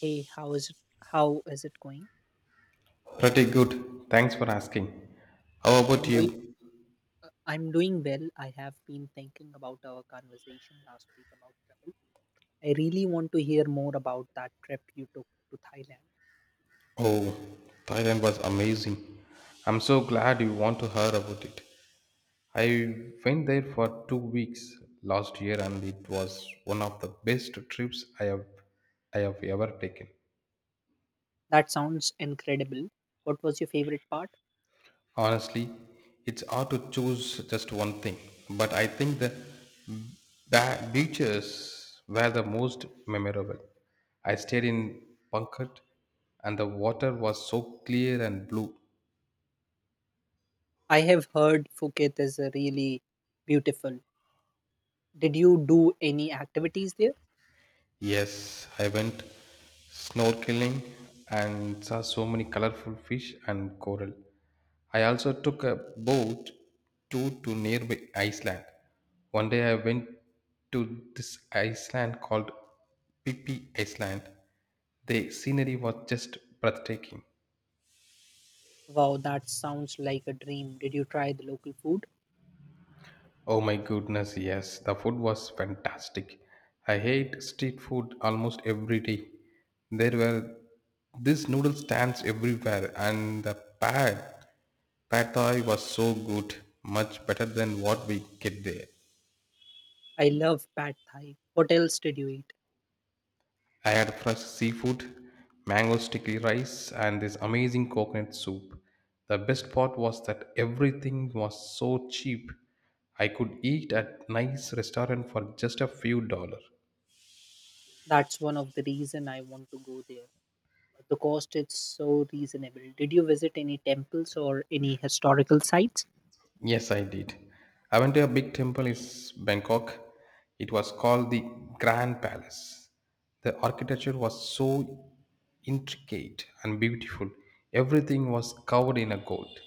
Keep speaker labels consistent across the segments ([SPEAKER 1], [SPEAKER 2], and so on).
[SPEAKER 1] Hey, how is it going?
[SPEAKER 2] Pretty good. Thanks for asking. How about
[SPEAKER 1] I'm doing
[SPEAKER 2] you?
[SPEAKER 1] I'm doing well. I have been thinking about our conversation last week about travel. I really want to hear more about that trip you took to Thailand.
[SPEAKER 2] Oh, Thailand was amazing. I'm so glad you want to hear about it. I went there for 2 weeks last year and it was one of the best trips I have ever taken.
[SPEAKER 1] That sounds incredible. What was your favorite part?
[SPEAKER 2] Honestly, it's hard to choose just one thing, but I think the beaches were the most memorable. I stayed in Pankhat, and the water was so clear and blue.
[SPEAKER 1] I have heard Phuket is a really beautiful. Did you do any activities there?
[SPEAKER 2] Yes, I went snorkeling and saw so many colorful fish and coral. I also took a boat tour to nearby Iceland. One day I went to this island called Pippi Island. The scenery was just breathtaking.
[SPEAKER 1] Wow, that sounds like a dream. Did you try the local food?
[SPEAKER 2] Oh my goodness, yes, the food was fantastic. I hate street food almost every day. There were these noodle stands everywhere, and the pad pad thai was so good, much better than what we get there.
[SPEAKER 1] I love pad thai. What else did you eat?
[SPEAKER 2] I had fresh seafood, mango sticky rice, and this amazing coconut soup. The best part was that everything was so cheap. I could eat at nice restaurant for just a few dollars.
[SPEAKER 1] That's one of the reason I want to go there. The cost is so reasonable. Did you visit any temples or any historical sites?
[SPEAKER 2] Yes, I did. I went to a big temple in Bangkok. It was called the Grand Palace. The architecture was so intricate and beautiful. Everything was covered in a gold.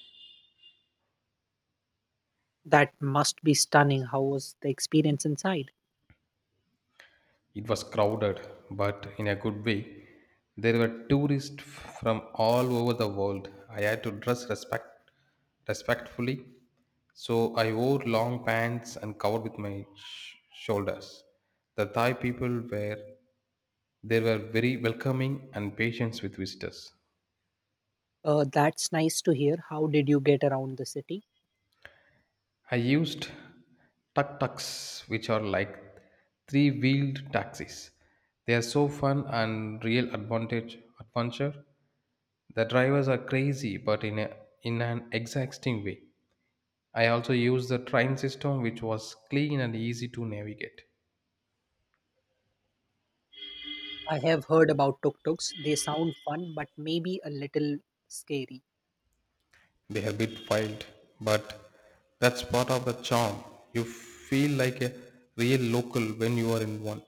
[SPEAKER 1] That must be stunning. How was the experience inside?
[SPEAKER 2] It was crowded, but in a good way. There were tourists from all over the world. I had to dress respect respectfully, so I wore long pants and covered with my shoulders. The Thai people were they were very welcoming and patient with visitors.
[SPEAKER 1] That's nice to hear. How did you get around the city?
[SPEAKER 2] I used tuk tuks, which are like three wheeled taxis. They are so fun and real advantage adventure. The drivers are crazy, but in an exacting way. I also used the train system, which was clean and easy to navigate.
[SPEAKER 1] I have heard about tuk-tuks. They sound fun, but maybe a little scary.
[SPEAKER 2] They are a bit wild, but that's part of the charm. You feel like a real local when you are in one.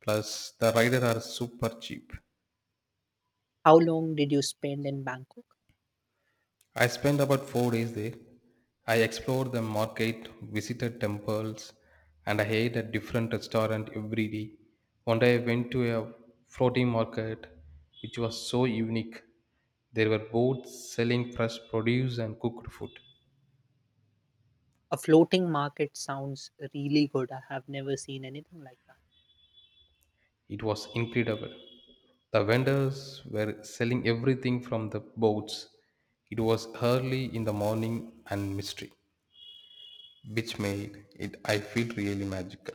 [SPEAKER 2] Plus, the rider are super cheap.
[SPEAKER 1] How long did you spend in Bangkok?
[SPEAKER 2] I spent about 4 days there. I explored the market, visited temples, and I ate at different restaurant every day. One day I went to a floating market, which was so unique. There were booths selling fresh produce and cooked food.
[SPEAKER 1] A floating market sounds really good. I have never seen anything like that.
[SPEAKER 2] It was incredible. The vendors were selling everything from the boats. It was early in the morning and mystery, which made it I feel really magical.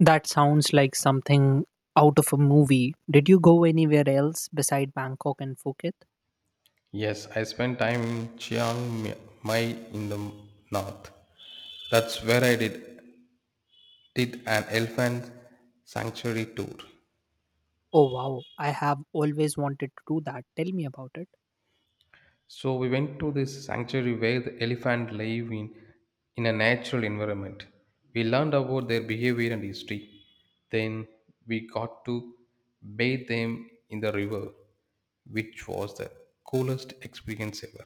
[SPEAKER 1] That sounds like something out of a movie. Did you go anywhere else beside Bangkok and Phuket?
[SPEAKER 2] Yes, I spent time in Mai in the north. That's where I did an elephant sanctuary tour.
[SPEAKER 1] Oh wow, I have always wanted to do that. Tell me about it.
[SPEAKER 2] So we went to this sanctuary where the elephant live in a natural environment. We learned about their behavior and history. Then we got to bathe them in the river, which was the coolest experience ever.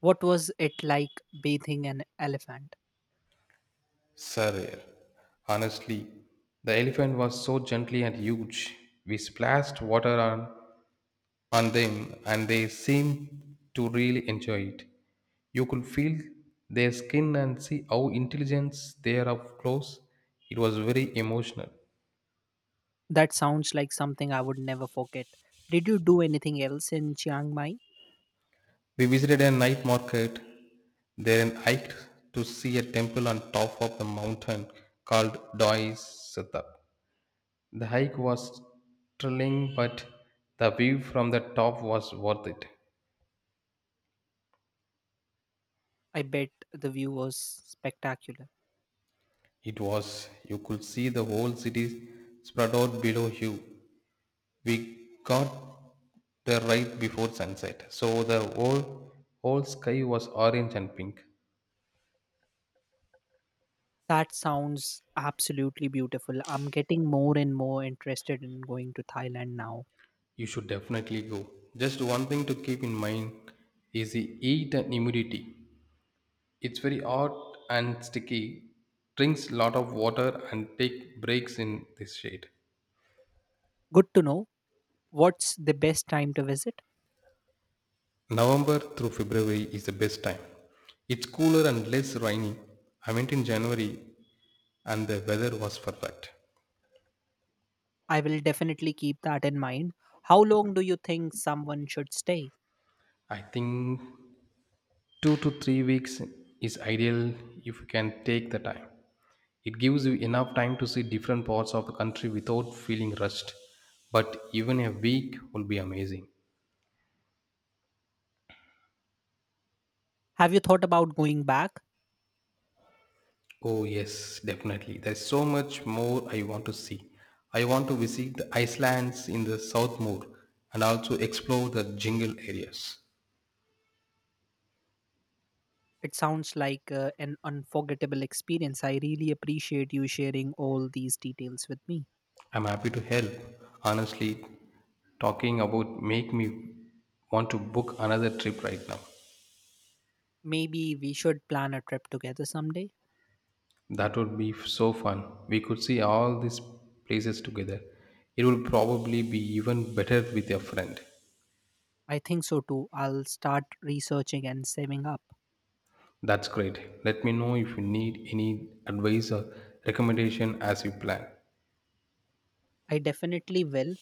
[SPEAKER 1] What was it like bathing an elephant?
[SPEAKER 2] Sir, honestly, the elephant was so gently and huge. We splashed water on them, and they seemed to really enjoy it. You could feel their skin and see how intelligent they are up close. It was very emotional.
[SPEAKER 1] That sounds like something I would never forget. Did you do anything else in Chiang Mai?
[SPEAKER 2] We visited a night market, then hiked to see a temple on top of the mountain called Doi Siddha. The hike was thrilling, but the view from the top was worth it.
[SPEAKER 1] I bet the view was spectacular.
[SPEAKER 2] It was, you could see the whole city spread out below you. We got there right before sunset, so the whole sky was orange and pink.
[SPEAKER 1] That sounds absolutely beautiful. I'm getting more and more interested in going to Thailand now.
[SPEAKER 2] You should definitely go. Just one thing to keep in mind is the heat and humidity. It's very hot and sticky. Drinks lot of water and take breaks in this shade.
[SPEAKER 1] Good to know. What's the best time to visit?
[SPEAKER 2] November through February is the best time. It's cooler and less rainy. I went in January and the weather was perfect.
[SPEAKER 1] I will definitely keep that in mind. How long do you think someone should stay?
[SPEAKER 2] I think 2 to 3 weeks is ideal if you can take the time. It gives you enough time to see different parts of the country without feeling rushed, but even a week will be amazing.
[SPEAKER 1] Have you thought about going back?
[SPEAKER 2] Oh, yes, definitely. There's so much more I want to see. I want to visit the Icelands in the South Moor and also explore the jungle areas.
[SPEAKER 1] It sounds like an unforgettable experience. I really appreciate you sharing all these details with me.
[SPEAKER 2] I'm happy to help. Honestly, talking about make me want to book another trip right now.
[SPEAKER 1] Maybe we should plan a trip together someday.
[SPEAKER 2] That would be so fun. We could see all these places together. It will probably be even better with your friend.
[SPEAKER 1] I think so too. I'll start researching and saving up.
[SPEAKER 2] That's great. Let me know if you need any advice or recommendation as you plan.
[SPEAKER 1] I definitely will.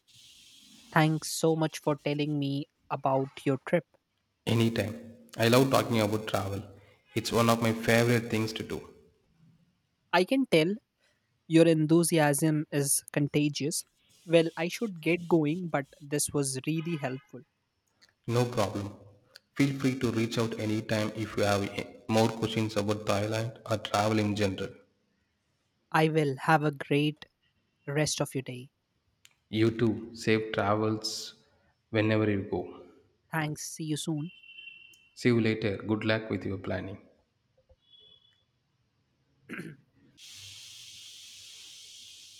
[SPEAKER 1] Thanks so much for telling me about your trip.
[SPEAKER 2] Anytime. I love talking about travel. It's one of my favorite things to do.
[SPEAKER 1] I can tell your enthusiasm is contagious. Well, I should get going, but this was really helpful.
[SPEAKER 2] No problem. Feel free to reach out anytime if you have more questions about Thailand or travel in general.
[SPEAKER 1] I will have a great rest of your day.
[SPEAKER 2] You too. Safe travels whenever you go.
[SPEAKER 1] Thanks. See you soon.
[SPEAKER 2] See you later. Good luck with your planning.